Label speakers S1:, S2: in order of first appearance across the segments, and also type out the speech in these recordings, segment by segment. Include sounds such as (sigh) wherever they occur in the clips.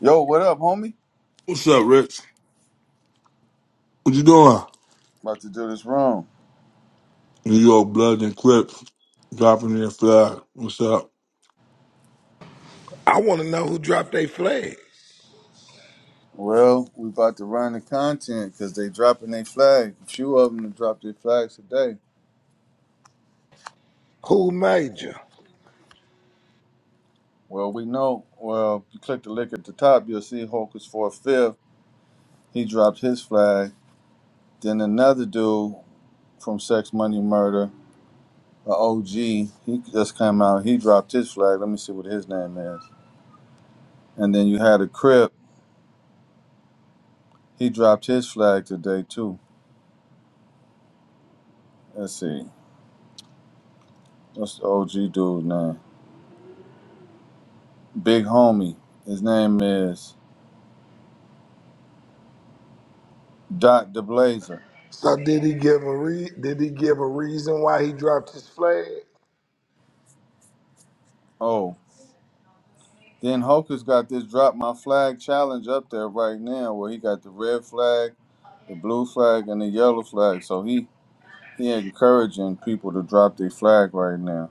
S1: Yo, what up, homie?
S2: What's up, Rich? What you doing?
S1: About to do this wrong.
S2: New York Blood and Crips dropping their flag. What's up?
S3: I want to know who dropped they flag.
S1: Well, we about to run the content because they dropping their flag. A few of them to drop their flags today.
S3: Who made you?
S1: Well, we know. Well, you click the link at the top, you'll see Hawkins for a fifth. He dropped his flag. Then another dude from Sex Money Murder, a OG, he just came out. He dropped his flag. Let me see what his name is. And then you had a Crip. He dropped his flag today too. Let's see. What's the OG dude name? Big homie. His name is Doc DeBlazer.
S3: So did he give a re- did he give a reason why he dropped his flag?
S1: Oh, then Hokus got this drop my flag challenge up there right now, where he got the red flag, the blue flag, and the yellow flag. So he he encouraging people to drop their flag right now.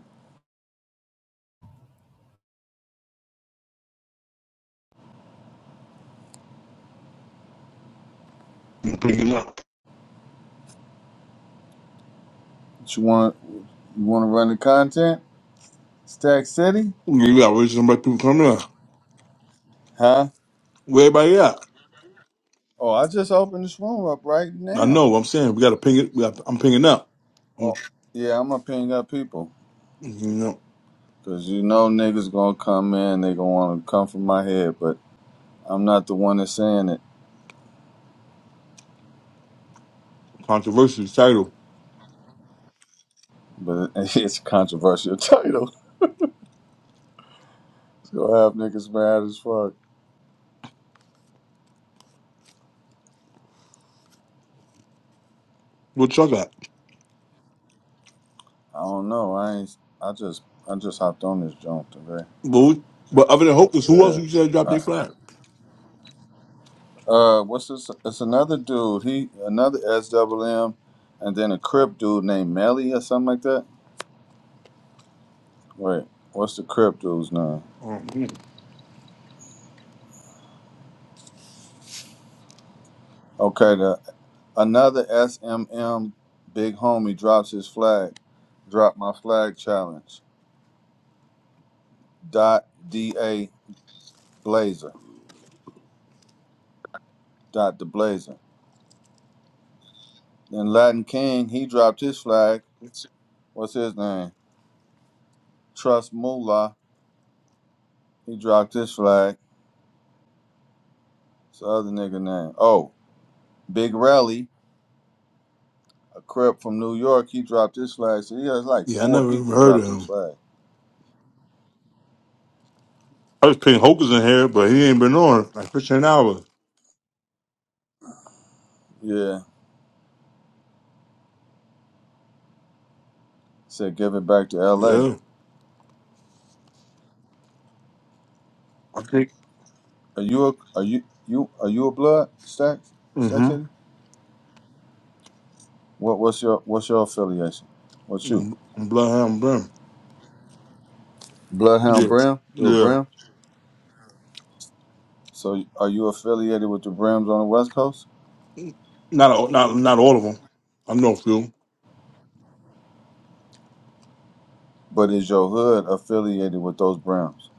S2: I'm picking up.
S1: You want you want to run the content? Stack City,
S2: We got Rich and black people coming in.
S1: huh?
S2: Where everybody at?
S1: Oh, I just opened this room up right
S2: I
S1: now.
S2: know. what I'm saying we got to ping it. We got, I'm pinging up. I'm-
S1: Oh, yeah, I'm gonna ping up people.
S2: you know,
S1: Cause you know niggas gonna come in, they gonna wanna come for my head, but I'm not the one that's saying it,
S2: controversial title.
S1: but it, (laughs) it's a controversial (laughs) title. It's Gonna (laughs) have niggas mad as fuck.
S2: What y'all got?
S1: I don't know. I ain't. I just I just hopped on this joint today.
S2: But we, but other than Hocus, who else
S1: So
S2: you said dropped
S1: yeah.
S2: their
S1: Uh,
S2: flag?
S1: uh, what's this? It's another dude. He another SWM, and then a Crip dude named Melly or something like that. Wait, what's the Crip dude's name?
S2: Um,
S1: Okay, the another SMM big homie drops his flag. Drop my flag challenge. Dot D A Blazer. Dr. Blazer. Then Latin King, he dropped his flag. What's his name? Trust Moolah. He dropped his flag. It's the other nigga name. Oh, Big Rally, a crip from New York, he dropped his flag. So he has like
S2: yeah, I
S1: four
S2: never even
S1: people
S2: heard of
S1: dropped his
S2: him.
S1: flag.
S2: I was pinging Hocus in here, but he ain't been on like 15 hours.
S1: Yeah. Said give it back to LA.
S2: Yeah, I think.
S1: Are you a are you you are you a blood Stacks? Stack
S2: Mm-hmm.
S1: City? What what's your what's your affiliation? What's you?
S2: I'm, I'm Bloodhound Brim.
S1: Bloodhound
S2: Yeah,
S1: Brim? You a
S2: yeah.
S1: Brim? So are you affiliated with the Brims on the West Coast?
S2: Not all, not not all of them. I know a few.
S1: But is your hood affiliated with those Browns?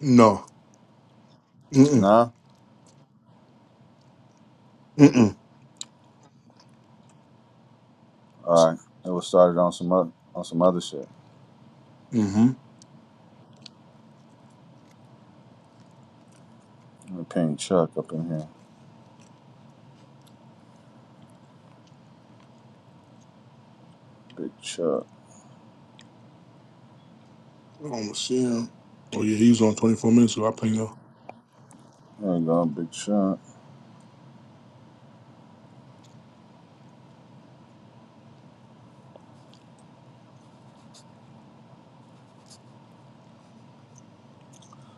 S2: No. Mm mm
S1: Nah.
S2: mm
S1: All right. It was started on some other on some other shit.
S2: mm. hmm
S1: Let me ping Chuck up in here. Big Chuck.
S2: I don't see him. Oh yeah, he was on twenty four minutes So I played him.
S1: There you go, Big Chuck.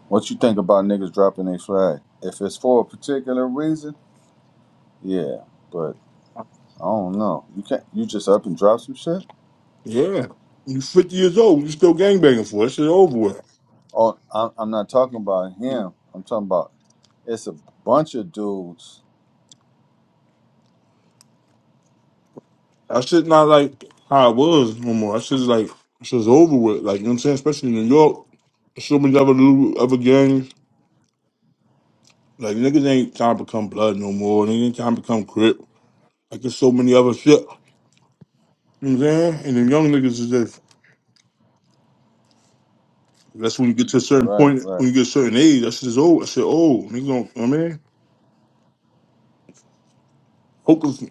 S1: What you think about niggas dropping their flag? If it's for a particular reason, yeah. But I don't know. You can't. You just up and drop some shit.
S2: Yeah. You fifty years old. You still gangbanging for it. That Shit over with.
S1: Oh, I'm, I'm not talking about him. I'm talking about it's a bunch of dudes.
S2: I shit not like how it was no more. I shit's like that shit's over with. Like you know what I'm saying. Especially in New York, there's so many other little other gangs. Like niggas ain't trying to become blood no more. They ain't trying to become crip. Like there's so many other shit. You know what I'm saying. And the young niggas is just That's when you get to a certain
S1: Right.
S2: point,
S1: Right.
S2: when you get a certain age, that shit is old. I said, oh, nigga, you know I mean? Hocus,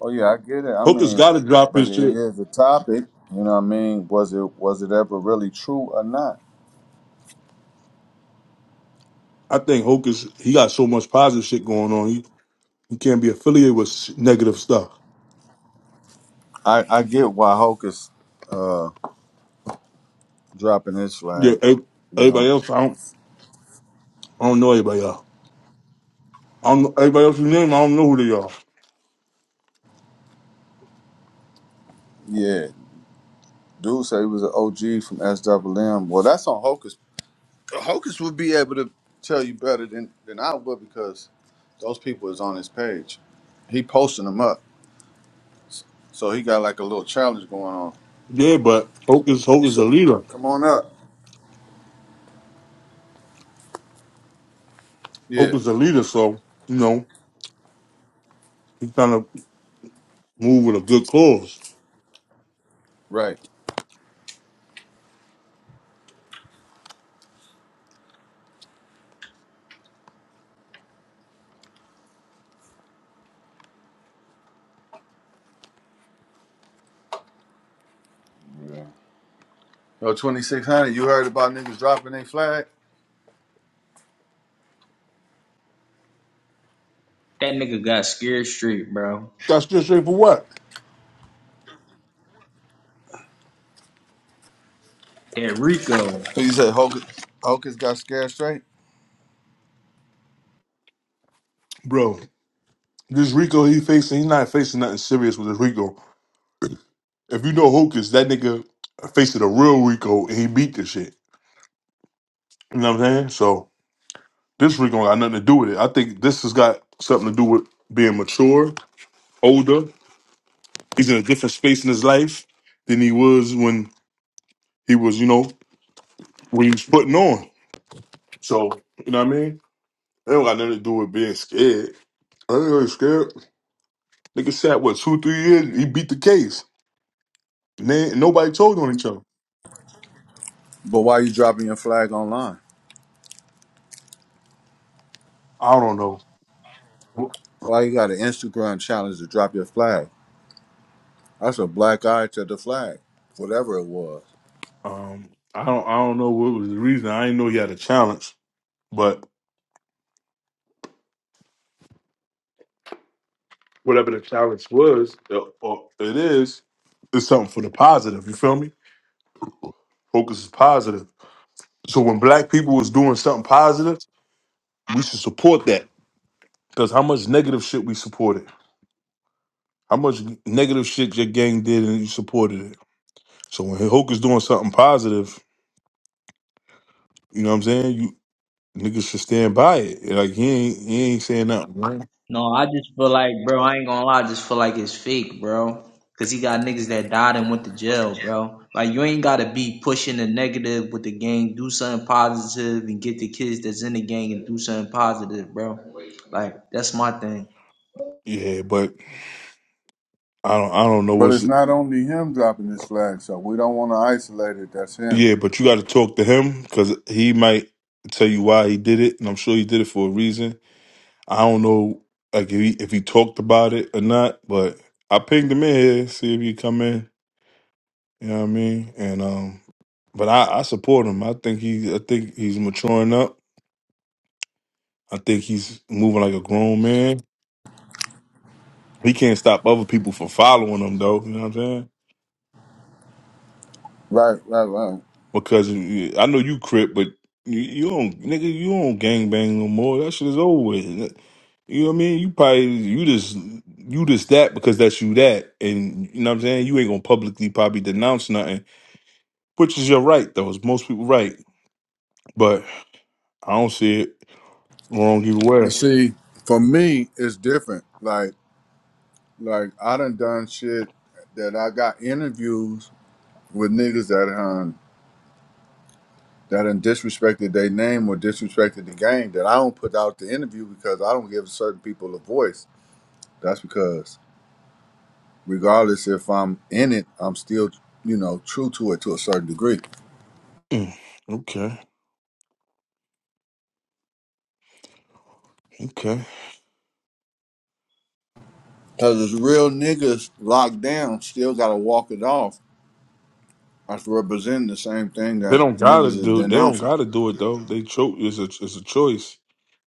S1: Oh yeah, I get it. I
S2: Hocus
S1: mean,
S2: got to drop
S1: but
S2: his
S1: it
S2: shit.
S1: is a topic. You know what I mean? Was it was it ever really true or not?
S2: I think Hocus, he got so much positive shit going on. He, he can't be affiliated with sh- negative stuff.
S1: I I get why Hulk is uh, dropping his
S2: Yeah,
S1: flag.
S2: ev-
S1: You
S2: everybody
S1: know?
S2: else, I don't, I don't know everybody else. I don't know everybody else's name. I don't know who they are.
S1: Yeah. Dude said he was an OG from SWM. Well, that's on Hocus. Hocus would be able to tell you better than than I would because those people is on his page. He posting them up, so he got like a little challenge going on.
S2: Yeah, but Hocus, Hocus a
S1: So,
S2: leader.
S1: come on up. Yeah.
S2: Hocus a leader, so you know he kind of move with a good cause.
S1: Right. Yo, 2600. You heard about niggas dropping their flag?
S4: That nigga got scared straight, bro.
S2: That's just straight for what,
S4: That Rico.
S1: You said Hocus, Hocus got scared straight?
S2: bro? This Rico he facing, he's not facing nothing serious with this Rico. If you know Hocus, that nigga faced a real Rico and he beat the shit. You know what I'm saying? So this Rico ain't got nothing to do with it. I think this has got something to do with being mature, older. He's in a different space in his life than he was when he was, you know, when he was putting on. So, you know what I mean? It don't got nothing to do with being scared. I ain't really scared. Nigga sat what two, three years. He beat the case. And then nobody told on each other.
S1: But why you dropping your flag online?
S2: I don't know.
S1: Why you got an Instagram challenge to drop your flag? That's a black eye to the flag, whatever it was.
S2: Um, I don't. I don't know what was the reason. I didn't know he had a challenge. But whatever the challenge was, or or it is, it's something for the positive. You feel me? Focus is positive. So when black people was doing something positive, we should support that. Because how much negative shit we supported? How much negative shit your gang did and you supported it? So when Hulk is doing something positive, you know what I'm saying? You niggas should stand by it. Like he ain't he ain't saying nothing. Right.
S4: No, I just feel like, bro, I ain't gonna lie, I just feel like it's fake, bro. Cause he got niggas that died and went to jail, bro. Like you ain't gotta be pushing the negative with the gang. Do something positive and get the kids that's in the gang and do something positive, bro. Like that's my thing.
S2: Yeah, but I don't I don't know
S1: But
S2: what's
S1: it's not only him dropping his flag, so we don't want to isolate it. That's him.
S2: Yeah, but you got to talk to him because he might tell you why he did it, and I'm sure he did it for a reason. I don't know, like if he if he talked about it or not, but I pinged him in here, see if he come in. You know what I mean? And um, but I I support him. I think he I think he's maturing up. I think he's moving like a grown man. He can't stop other people from following him though. You know what I'm saying?
S1: Right, right, right.
S2: because you- I know you crip, but you, you don't, nigga, you don't gangbang no more. That shit is over with. You know what I mean? You probably you just you just that because that's you that, and you know what I'm saying. You ain't gonna publicly probably denounce nothing, which is your right though. It's most people right, but I don't see it wrong either
S1: But
S2: way.
S1: see, for me, it's different. Like, like I done done shit that I got interviews with niggas that done that done disrespected their name or disrespected the game that I don't put out the interview because I don't give certain people a voice. That's because regardless if I'm in it, I'm still, you know, true to it to a certain degree.
S2: Mm, okay, okay.
S1: Cause it's real niggas locked down, still gotta walk it off after representing the same thing
S2: They
S1: that
S2: don't gotta
S1: niggas is
S2: do. They don't
S1: denouncing.
S2: gotta do it though. They cho- it's a it's a choice.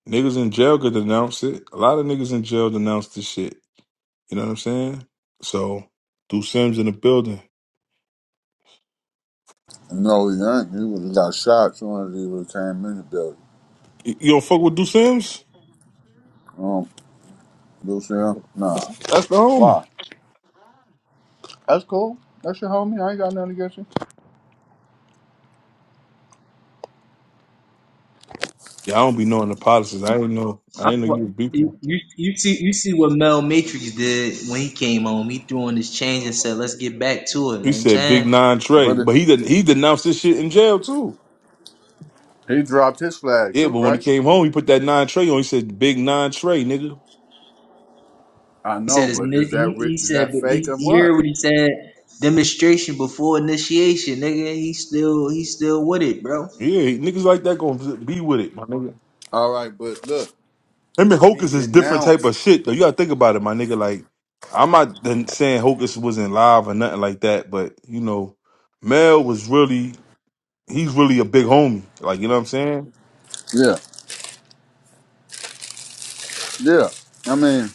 S2: Niggas in jail could denounce it. A lot of niggas in jail denounce this shit. You know what I'm saying? So, Do Sims in the building.
S1: No, he ain't. He would have got shot as soon as he would have came in the building.
S2: Y- You don't fuck with Do Sims?
S1: Um, Lucille? Nah.
S2: That's, that's the homie.
S1: Why? That's cool. That's your homie. I ain't got nothing against you.
S2: Yeah, I don't be knowing the policies. I didn't know. I
S4: I
S2: didn't know you
S4: feel-
S2: was beefing.
S4: you you you see you see what Mel Matrix did when he came home. He threw on his change and said, "Let's get back to it."
S2: He
S4: Like I'm
S2: said big
S4: saying.
S2: nine tray,
S1: But it.
S2: but he didn't. He denounced this shit in jail too.
S1: He dropped his flag
S2: Yeah,
S1: too,
S2: but when he
S1: right?
S2: came home, he put that nine tray on. He said big nine tray, nigga.
S1: I
S4: He
S1: know,
S4: said, his,
S1: but
S4: ni-
S1: is
S4: he,
S1: that re-
S4: he
S1: is
S4: said,
S1: that
S4: but
S1: fake
S4: he,
S1: or
S4: you heard
S1: what?
S4: what he said? Demonstration before initiation, nigga. He still, he still with it, bro.
S2: Yeah, niggas like that gonna be with it, my nigga.
S1: All right, but look,
S2: Him and
S1: he
S2: Hocus is different type
S1: denounced.
S2: of shit though. You gotta think about it, my nigga. Like I'm not done saying Hocus wasn't live or nothing like that, but you know, Mel was really he's really a big homie. Like, you know what I'm saying?
S1: Yeah, yeah. I mean,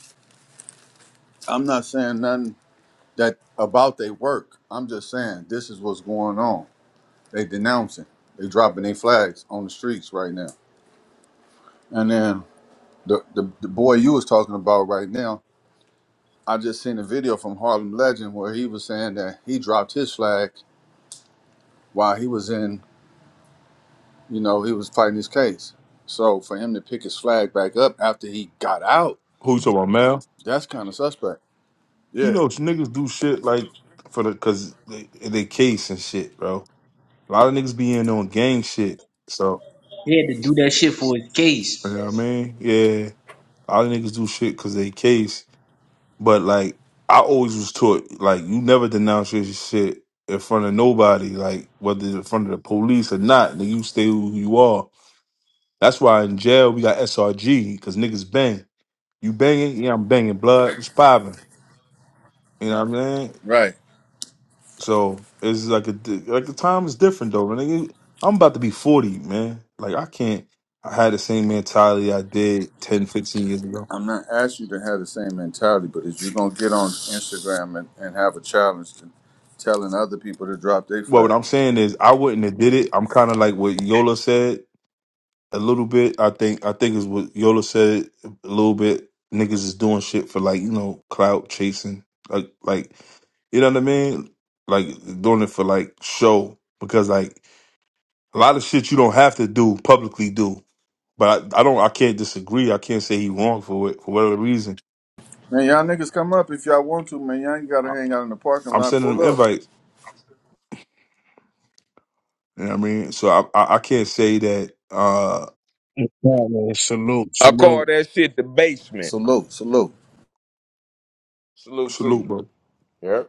S1: I'm not saying nothing that about their work. I'm just saying this is what's going on. They denouncing. They dropping their flags on the streets right now. And then the, the the boy you was talking about right now, I just seen a video from Harlem Legend where he was saying that he dropped his flag while he was in You know, he was fighting his case. So for him to pick his flag back up after he got out,
S2: Who you talking about, Mel?
S1: that's kind of suspect.
S2: You
S1: Yeah,
S2: know, niggas do shit like for the cause they, they case and shit, bro. A lot of niggas be in on gang shit. So,
S4: He had to do that shit for his
S2: you
S4: case.
S2: know what I mean? Yeah. A lot of niggas do shit cause they case. But like, I always was taught, like, you never denounce your shit in front of nobody, like, whether it's in front of the police or not, then you stay who you are. That's why in jail we got SRG, cause niggas bang. You banging? Yeah, I'm banging. Blood was popping. You know what I mean?
S1: right.
S2: So it's like a di- like the time is different though, man. Nigga, I'm about to be 40, man. Like I can't I had the same mentality I did 10, 15 years ago.
S1: I'm not asking you to have the same mentality, but if you're gonna get on Instagram and, and have a challenge to telling other people to drop their
S2: Well, what
S1: flag.
S2: I'm saying is I wouldn't have did it. I'm kind of like what Yola said a little bit. I think I think is what Yola said a little bit. Niggas is doing shit for like, you know, clout chasing. Like like you know what I mean? Like doing it for like show because like a lot of shit you don't have to do publicly do. But I, I don't. I can't disagree. I can't say he wrong for it for whatever reason.
S1: Man, y'all niggas come up if y'all want to, man. Y'all ain't gotta
S2: I,
S1: hang out in the parking
S2: I'm
S1: lot,
S2: sending him
S1: pull up.
S2: invites. You know what I mean? So I I, I can't say that. uh
S5: Yeah, man. Salute,
S6: I call
S5: salute.
S6: that shit the basement.
S1: Salute, salute.
S6: Salute to
S2: Salute,
S6: you.
S2: bro.
S6: Yeah.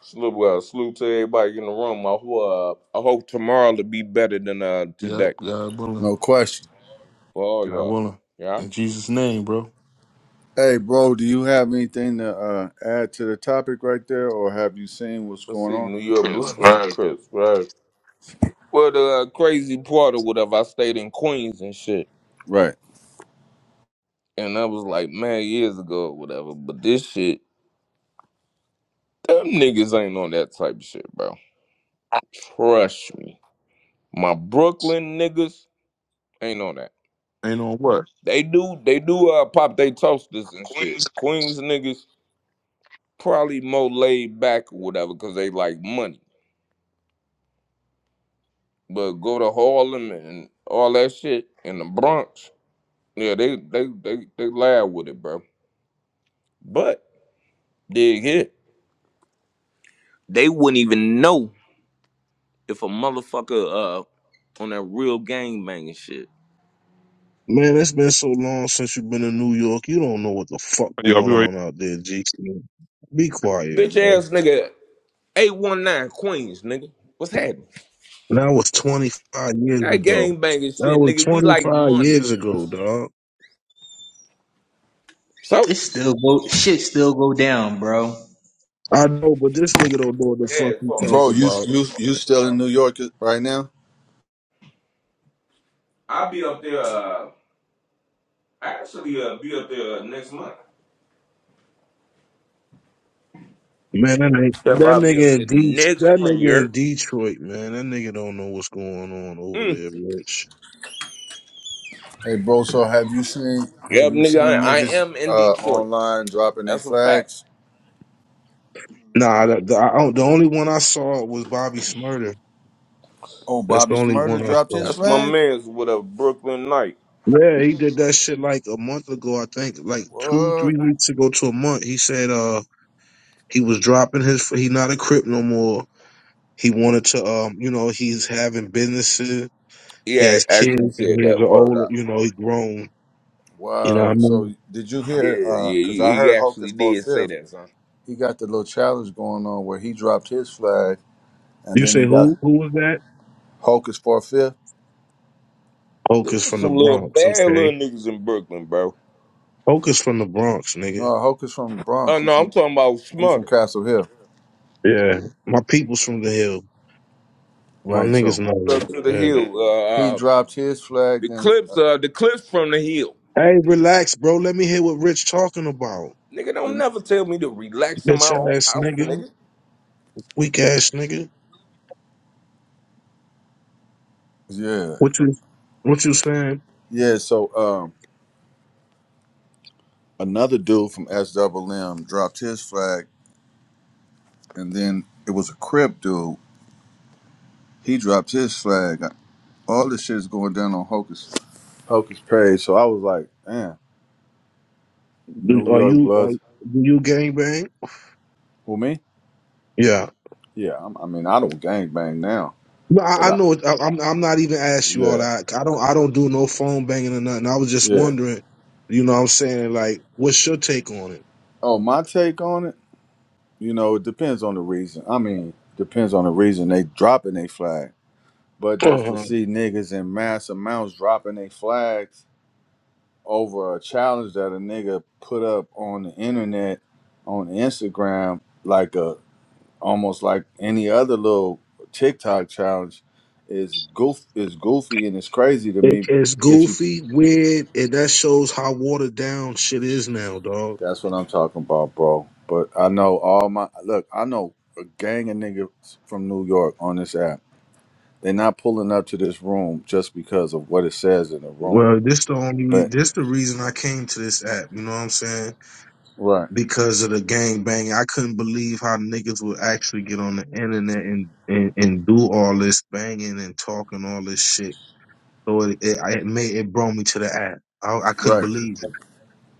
S6: Salute well, salute to everybody in the room. I hope uh, I hope tomorrow to be better than uh
S2: Yep.
S6: today.
S2: God willing.
S1: No question.
S6: For all
S2: God
S6: y'all.
S2: willing.
S6: Yeah.
S2: In Jesus' name, bro.
S1: Hey bro, do you have anything to uh, add to the topic right there or have you seen what's
S6: Let's
S1: going
S6: see,
S1: on?
S6: New York (laughs)
S2: Chris,
S6: Blues and
S2: right?
S6: Crips, right? Well the uh, crazy part or whatever, I stayed in Queens and shit.
S1: Right.
S6: And I was like, man, years ago or whatever, but this shit, them niggas ain't on that type of shit, bro. Trust me. My Brooklyn niggas ain't on that.
S2: Ain't on what.
S6: They do they do uh pop they toasters and shit.
S2: Queens.
S6: Queens niggas probably more laid back or whatever because they like money. But go to Harlem and all that shit in the Bronx, yeah, they they they they laugh with it, bro. But dig hit. They wouldn't even know if a motherfucker uh on that real gang banging shit.
S5: Man, it's been so long since you've been in New York. You don't know what the fuck
S2: Yo, I'll be
S5: going
S2: right
S5: on out there, G. Be quiet,
S6: Bitch
S5: bro.
S6: ass nigga, 819 Queens, nigga. What's happening?
S5: That was 25 years
S6: That
S5: ago.
S6: gang banging
S5: That
S6: shit,
S5: was
S6: nigga. We like
S5: 25
S6: money.
S5: years ago, dog.
S6: So?
S4: It still go, shit still go down, bro.
S5: I know, but this nigga don't know what the
S6: Yeah,
S5: fuck he
S6: fuck.
S1: Bro,
S5: talking
S1: you
S5: about.
S1: you you still in New York right now?
S6: I'll be up there. Uh, actually, uh, be up there uh, next month.
S5: Man, that nigga,
S6: Yep,
S5: that
S6: I'll be up
S5: nigga
S6: there
S5: in Det,
S6: next
S5: that
S6: month.
S5: nigga
S6: You're.
S5: in Detroit, man, that nigga don't know what's going on over
S6: Mm.
S5: there, Rich.
S1: Hey, bro. So have you seen have
S6: Yep,
S1: you
S6: nigga,
S1: seen
S6: I, I
S1: niggas
S6: am in
S1: uh,
S6: Detroit.
S1: online dropping their
S6: That's a fact.
S1: flags?
S5: Nah, the, the, I, don't- the only one I saw was Bobby Smurder.
S1: Oh,
S5: That's the
S1: Bobby
S5: only one
S1: Smurder
S5: I
S1: dropped
S5: saw.
S1: his
S6: That's my
S1: flag.
S6: man's with a Brooklyn Knight.
S5: Yeah, he did that shit like a month ago, I think, like two,
S1: What?
S5: three weeks ago to a month. He said uh he was dropping his he not a crip no more. He wanted to um you know he's having businesses,
S6: He
S5: he
S6: a-
S5: has kids,
S6: actually
S5: and
S6: said
S5: he has
S6: that
S5: an
S6: word
S5: old
S6: out.
S5: you know he grown. You know what I
S1: Wow.
S5: mean?
S1: So did you
S6: Yeah,
S1: hear?
S6: yeah,
S1: uh 'cause Cause I
S6: he, he
S1: heard Hocus
S6: actually
S1: for
S6: did say
S1: fifth.
S6: that, son.
S1: He got the little challenge going on where he dropped his flag, and
S5: You
S1: then
S5: say
S1: he got
S5: who who was that?
S1: Hocus for fifth.
S6: There
S5: Hocus
S6: was
S5: from the
S6: some little
S5: Bronx,
S6: bad little
S5: okay?
S6: niggas in Brooklyn, bro.
S5: Hocus from the Bronx, nigga.
S1: No, Hocus from the
S6: Oh
S1: Bronx. He
S6: no, I'm
S1: from
S6: talking about
S1: he from
S6: smarter.
S1: Castle Hill,
S5: Yeah, my people's from the hill. My
S1: right?
S5: niggas
S1: So
S5: know them.
S6: Up to the
S5: Yeah.
S6: hill.
S1: he
S6: Uh, uh
S1: dropped his flag.
S6: the
S1: Then uh,
S6: clips, uh the clips from the hill.
S5: Hey, relax, bro. Let me hear what Rich talking about.
S6: Nigga don't
S1: then
S6: never tell me to relax in my
S5: Bitch
S6: own
S5: ass
S6: house,
S5: nigga.
S6: nigga.
S5: Weak ass nigga.
S1: yeah
S5: What you what you saying?
S1: yeah. So um. another dude from SWM dropped his flag, and then it was a Crip dude. He dropped his flag. All this shit is going down on Hocus Hocus page. So I was like, "Man,
S5: Do,
S1: New
S5: are
S1: York
S5: you are
S1: Bloods.
S5: do you gang bang?
S1: Who me?
S5: Yeah.
S1: Yeah, I'm, I mean, I don't gang bang now,
S5: No, I,
S1: but
S5: I
S1: I,
S5: know. it- I, I'm I'm not even asked you all
S1: yeah,
S5: that. I don't I don't do no phone banging or nothing. I was just
S1: yeah.
S5: wondering. You know what I'm saying? Like, what's your take on it?
S1: Oh, my take on it, you know, it depends on the reason. I mean, depends on the reason they dropping their flag. But just to
S5: Uh-huh.
S1: see niggas in mass amounts dropping their flags over a challenge that a nigga put up on the internet on Instagram, like a almost like any other little TikTok challenge, is goof is goofy and it's crazy to
S5: It,
S1: me.
S5: it's
S1: If you
S5: goofy, weird, and that shows how watered down shit is now, dog.
S1: that's what I'm talking about, bro. But I know all my look. I know a gang of niggas from New York on this app. They're not pulling up to this room just because of what it says in the room.
S5: Well, this the only re-
S1: But
S5: this the reason I came to this app. You know what I'm saying?
S1: right,
S5: because of the gang banging, I couldn't believe how niggas would actually get on the internet and, and, and do all this banging and talking all this shit. So it it, I- it made it brought me to the app. I, I couldn't
S1: right,
S5: believe it.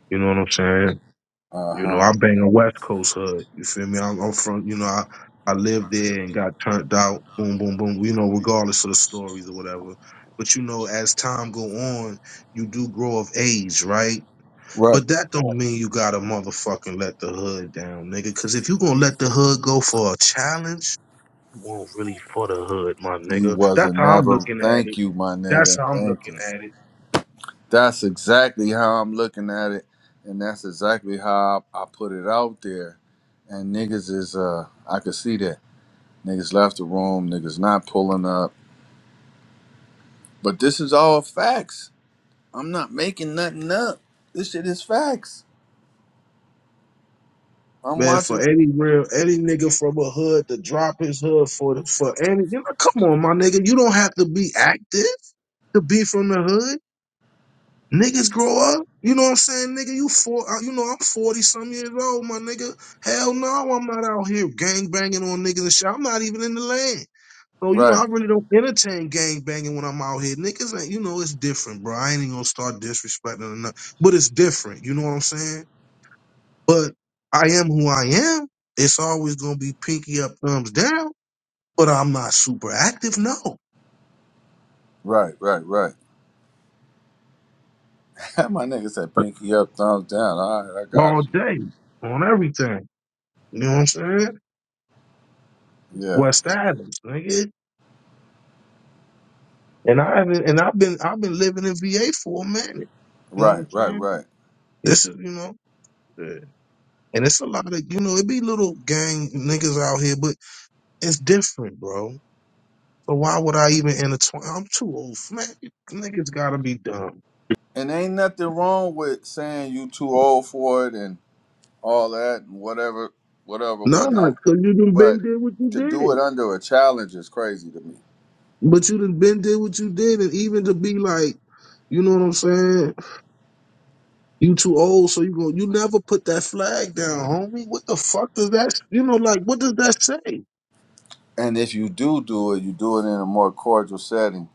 S5: You know what I'm saying?
S1: uh
S5: You know,
S1: huh,
S5: I bang a West Coast hood. You feel me? I'm, I'm from. You know, I I lived there and got turned out. Boom, boom, boom. You know, regardless of the stories or whatever. But you know, as time go on, you do grow of age, right?
S1: right.
S5: But that don't mean you gotta motherfucking let the hood down, nigga. Cause if you gonna let the hood go for a challenge, you won't really for the hood, my
S1: You
S5: nigga. That's
S1: wasn't
S5: how I'm
S1: never.
S5: looking at
S1: Thank
S5: it.
S1: you, my
S5: That's
S1: nigga.
S5: how I'm
S1: Thank
S5: looking
S1: you.
S5: at it.
S1: That's exactly how I'm looking at it, and that's exactly how I, I put it out there. And niggas is uh, I could see that niggas left the room. Niggas not pulling up. But this is all facts. I'm not making nothing up. This shit is facts. I'm
S5: Man, for
S1: watching.
S5: any real any nigga from a hood to drop his hood for the for any you know, come on, my nigga. You don't have to be active to be from the hood. Niggas grow up. You know what I'm saying, nigga? You four, uh, you know I'm forty some years old, my nigga. Hell no, I'm not out here gang banging on niggas and shit. I'm not even in the land. So you know
S1: Right,
S5: I really don't entertain gang banging when I'm out here. Niggas ain't, you know, it's different, bro. I ain't even gonna start disrespecting or nothing, but it's different. You know what I'm saying? But I am who I am. It's always gonna be pinky up, thumbs down. But I'm not super active, no.
S1: right, right, right. (laughs) my nigga said pinky up, thumbs down. All right, I got
S5: All
S1: you.
S5: day on everything. You know what I'm saying?
S1: Yeah.
S5: West Adams, nigga. And I haven't, and I've been, I've been living in VA for a minute. You know what
S1: Right,
S5: I'm
S1: right,
S5: saying?
S1: right.
S5: This is, you know, yeah. and it's a lot of, you know, it be little gang niggas out here, but it's different, bro. So why would I even intertwine? I'm too old, for- man. Niggas gotta be dumb.
S1: And ain't nothing wrong with saying you too old for it and all that and whatever, whatever,
S5: Nah, cause
S1: whatnot.
S5: you done
S1: But
S5: been did what you
S1: to do it
S5: did,
S1: under a challenge is crazy to me.
S5: but you done been did what you did, and even to be like, you know what I'm saying? You too old, so you go. You never put that flag down, homie. What the fuck does that? You know, like what does that say?
S1: And if you do do it, you do it in a more cordial setting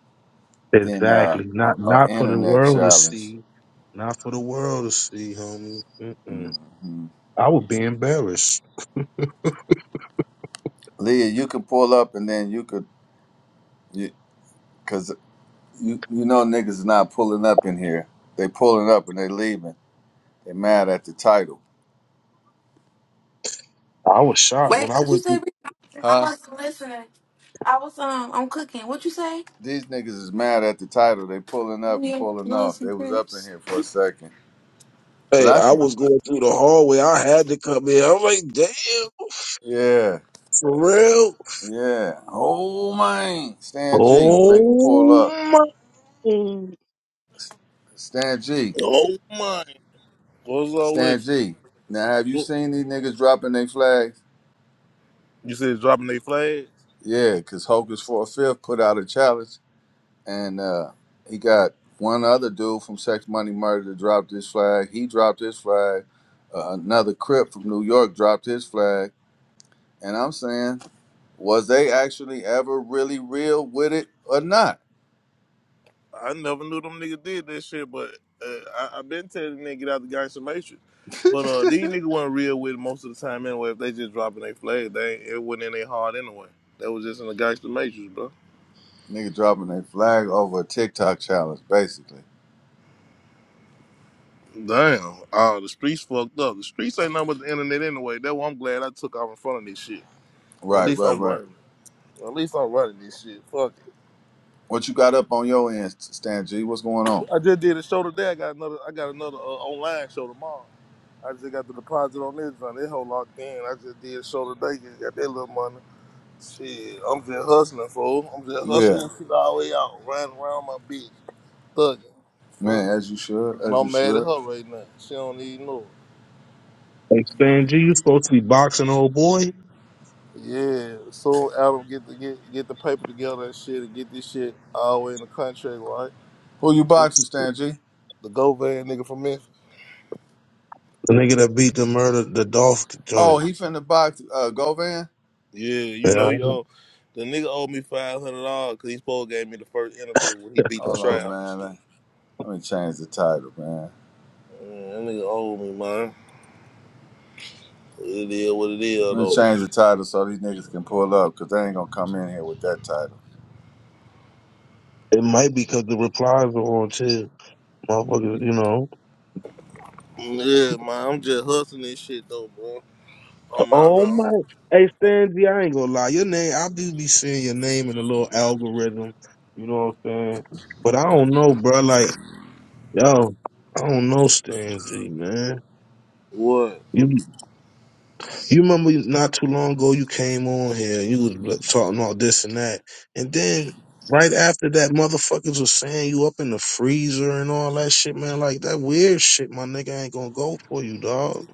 S1: than uh,
S5: Exactly.
S1: a,
S5: Not
S1: a
S5: not for the
S1: internet
S5: world to
S1: challenge.
S5: see. Not for the world to see, homie. Mm-mm.
S1: hmm
S5: I would be embarrassed.
S1: Leah, you can pull up and then you could, you because you, you know niggas is not pulling up in here. They pulling up and they leaving. They mad at the title,
S5: I was shocked
S7: Wait,
S5: when I
S7: what you
S5: went
S7: say?
S5: through.
S7: Rika? I
S1: Huh?
S7: was listening. I was um, I'm cooking. What you say?
S1: These niggas is mad at the title. They pulling
S7: We
S1: up and
S7: need
S1: pulling off.
S7: Loads
S1: They
S7: and
S1: was up in
S7: cribs.
S1: here for a second. But
S5: Hey,
S1: I
S5: I
S1: can
S5: was going through the hallway. I had to come in. I'm like, damn,
S1: Yeah.
S5: for real?
S1: Yeah. Oh man. Stan G. Make them pull
S5: Oh
S1: up.
S5: my! Hey,
S1: Stan G. Stan G. Now have you seen these niggas dropping their flags? Yeah, cause Hocus for a fifth put out a challenge and uh he got one other dude from Sex Money Murder that dropped his flag. He dropped his flag. Uh, another Crip from New York dropped his flag. And I'm saying Was they actually ever really real with it or not? Nigga dropping a flag over a TikTok challenge, basically. Right, right, right. What you got up on your end, Stan G? What's going on? Yeah, man, as you should, as you should.
S5: Stan G, you supposed to be boxing, old boy.
S1: Who you boxing, Stan G?
S5: The nigga that beat the murder, the Dolph
S1: Oh,
S5: joint.
S1: he finna box uh, Govan?
S5: Yeah,
S1: Hold on, man. Let let me change the title, man. Let me change the title so these niggas can pull up, because they ain't gonna come in here with that title.
S5: it might be because the replies were on too. Motherfuckers, you know. Oh my! Hey, Stanzy, I ain't gonna lie. Your name, I do be seeing your name in a little algorithm. You know what I'm saying? But I don't know, bro. Like, yo, I don't know, Stanzy, man. You you remember not too long ago you came on here. You was like, talking all this and that, and then right after that, motherfuckers was saying you up in the freezer and all that shit, man. Like that weird shit, my nigga ain't gonna go for you, dog.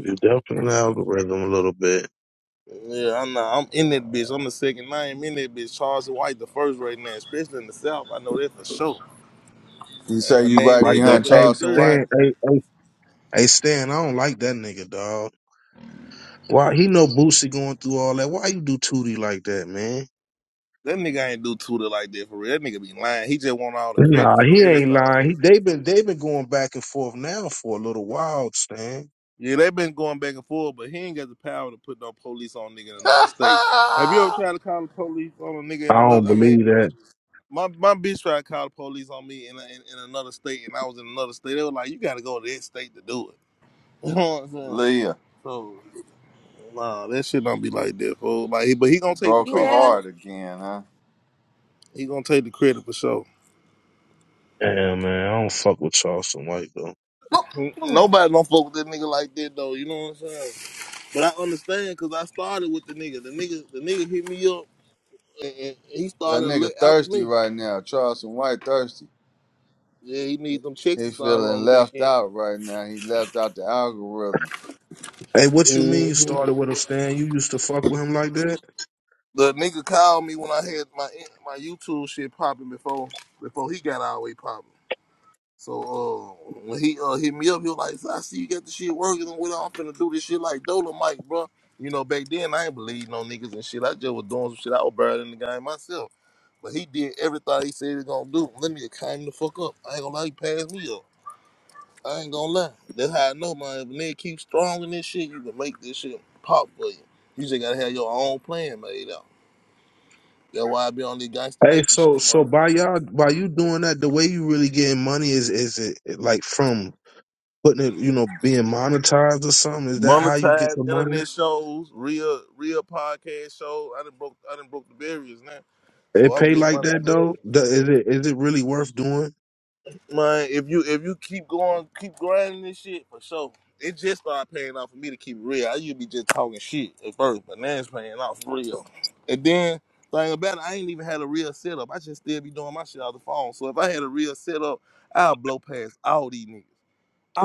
S5: You definitely an algorithm a little bit
S1: You say you right
S5: like that.
S1: behind
S5: Hey,
S1: Charleston White?
S5: Stan, hey, hey, Hey Stan, I don't like that nigga, dog. Why he know Boosie going through all that? Why you do Tootie like that, man? Nah, he ain't lying. He, they been they been going back and forth now for a little while, Stan.
S1: (laughs)
S5: I don't believe that.
S1: Leah. Broke a
S7: Yeah.
S1: heart again, huh?
S5: Damn man, I don't fuck with Charleston White though.
S7: Mo- mo-
S1: That nigga thirsty right now. Charleston White thirsty. He feeling left out right now. He left out the algorithm.
S5: Hey, what you mean you started with him, Stan? You used to fuck with him like that? Hey, so so by y'all by you doing that, the way you really getting money is is it like from putting it, you know, being monetized or something? Is that how you get the money? It pay like that though. Th- Is it is it really worth doing?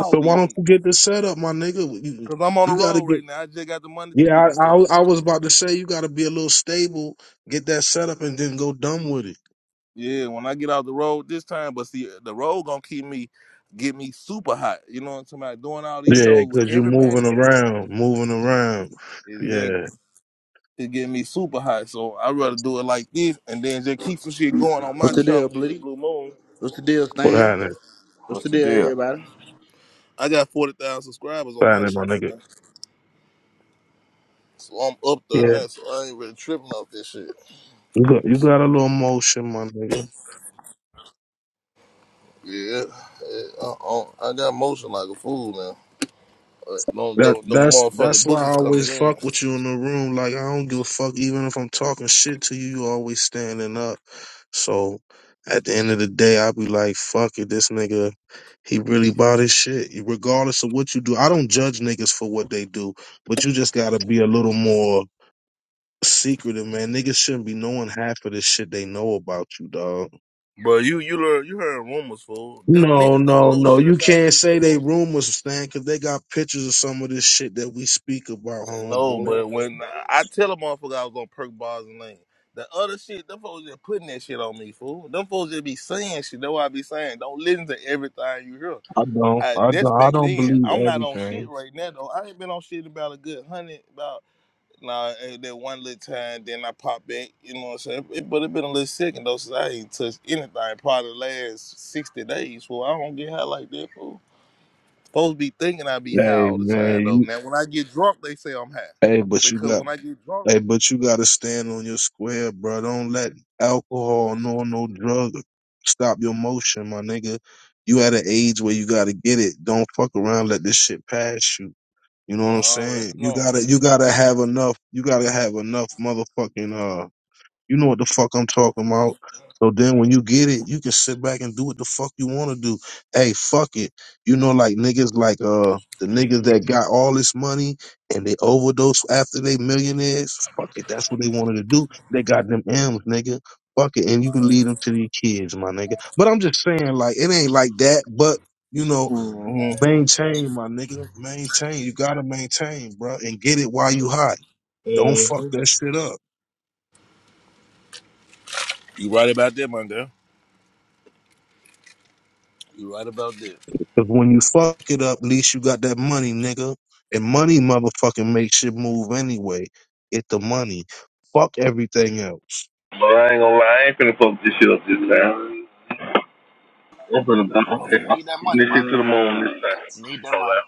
S5: So why don't you get this set up, my nigga? You, you got to get. Yeah, I, I I was about to say you got to be a little stable, get that set up, and then go dumb with it. Yeah, cause you moving around, moving around. Yeah,
S8: What's the deal, Blitty? What's the deal,
S5: what
S8: Stan?
S5: happening?
S8: What's the
S1: What's the
S8: deal,
S1: deal?
S8: everybody?
S5: What happening, my nigga? Yeah, you got you got a little motion, my nigga. That that's that's why I always fuck with you in the room. Like I don't give a fuck, even if I'm talking shit to you, you always standing up. So at the end of the day, I'll be like, fuck it, this nigga, he really bought his shit. Regardless of what you do, I don't judge niggas for what they do, but you just gotta be a little more secretive, man. Niggas shouldn't be knowing half of this shit they know about you, dog. No, no, no. You can't say they rumors, Stan, because they got pictures of some of this shit that we speak about, homeboy. I don't, I don't, I don't believe everything. Hey, man, you, hey, but you got Hey, but you gotta stand on your square, bro. Don't let alcohol nor no drug stop your motion, my nigga. You at an age where you gotta get it. Don't fuck around. Let this shit pass you. You know what I'm saying? You gotta, you gotta have enough. You gotta have enough motherfucking uh you know what the fuck I'm talking about. So then when you get it, you can sit back and do what the fuck you want to do. Hey, fuck it. You know, like niggas like uh the niggas that got all this money and they overdose after they millionaires. Fuck it. That's what they wanted to do. They got them M's, nigga. Fuck it. And you can lead them to these kids, my nigga. But I'm just saying, like, it ain't like that, but you know, maintain, my nigga. Maintain. You gotta maintain, bro. and get it while you hot. Don't fuck that shit up. Because when you fuck it up, at least you got that money, nigga. And money motherfucking makes shit move anyway. Get the money. Fuck everything else.
S9: But I ain't gonna lie, I ain't finna fuck this shit up this time. I'm finna I'm finna- I'm taking this shit to the moon this time. No lie.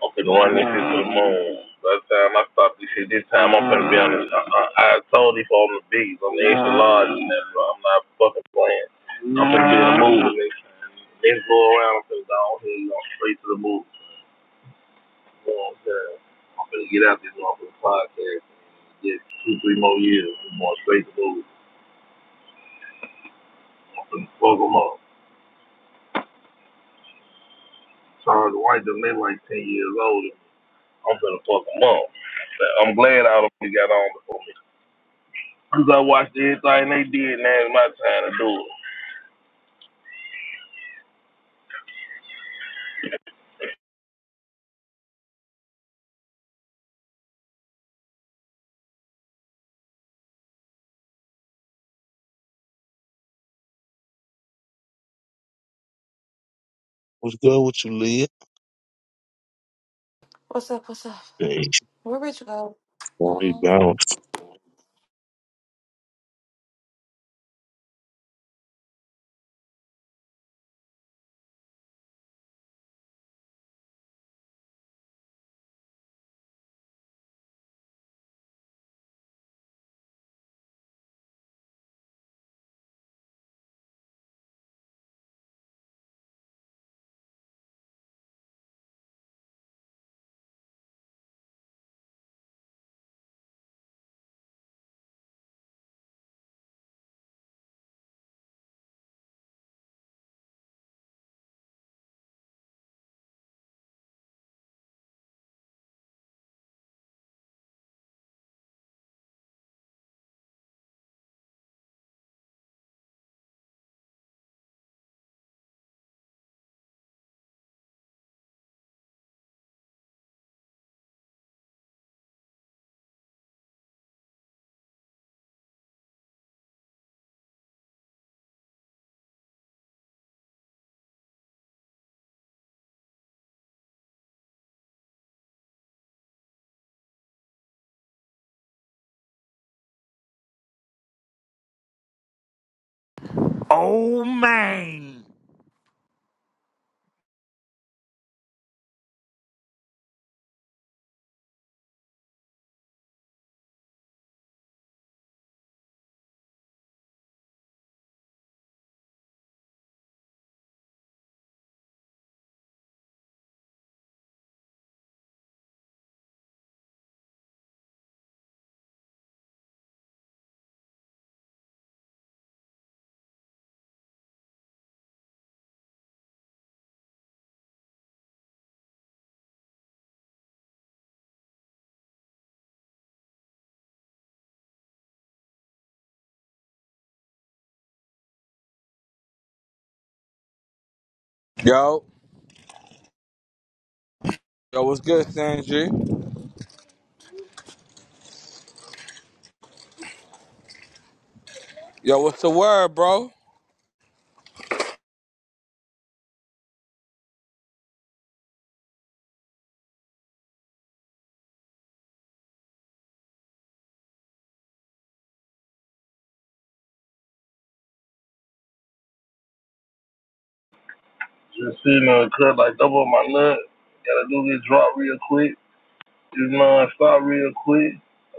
S9: I'm finna run this shit to the moon. By the time I stop this shit this time, I'm finna be on this. I, I, I told you for I'm the biggest. I'm the extra large and that, bro. I'm not fucking playing. I'm finna be in the mood. Next, next go around, I'm finna go on here, go straight to the mood. You know what I'm saying? I'm finna get out this motherfucking podcast and get two, three more years. I'm going straight to the mood. I'm finna fuck them up. Charles White, done been like 10 years old. I'm gonna fuck them up. I'm glad I only got on before. Cause I watched everything they did, now it's my time to do it.
S5: What's good with you, Leah?
S7: What's up? What's up?
S5: Hey,
S7: Where Rich go?
S5: boy, he bouncing.
S10: Oh man.
S11: Yo, yo, what's good, Sanji? Yo, what's the word, bro?
S9: Just sitting there and cut like double my nut. Gotta do this drop real quick. Just non stop real quick.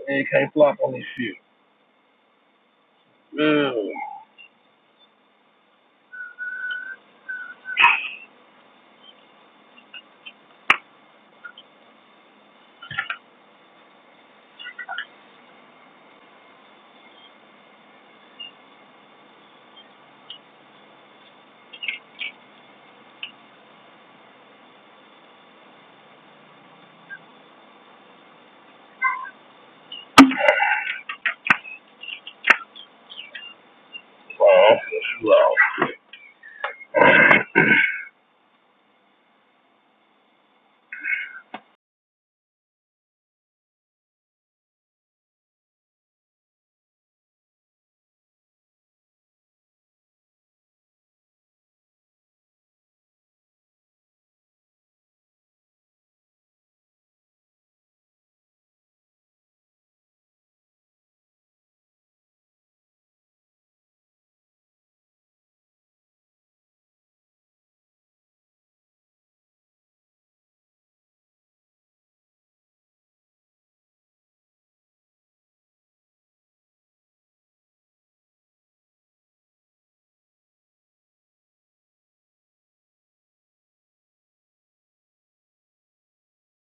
S9: And you can't flop on this shit. Yeah. So I'm finna shoot off.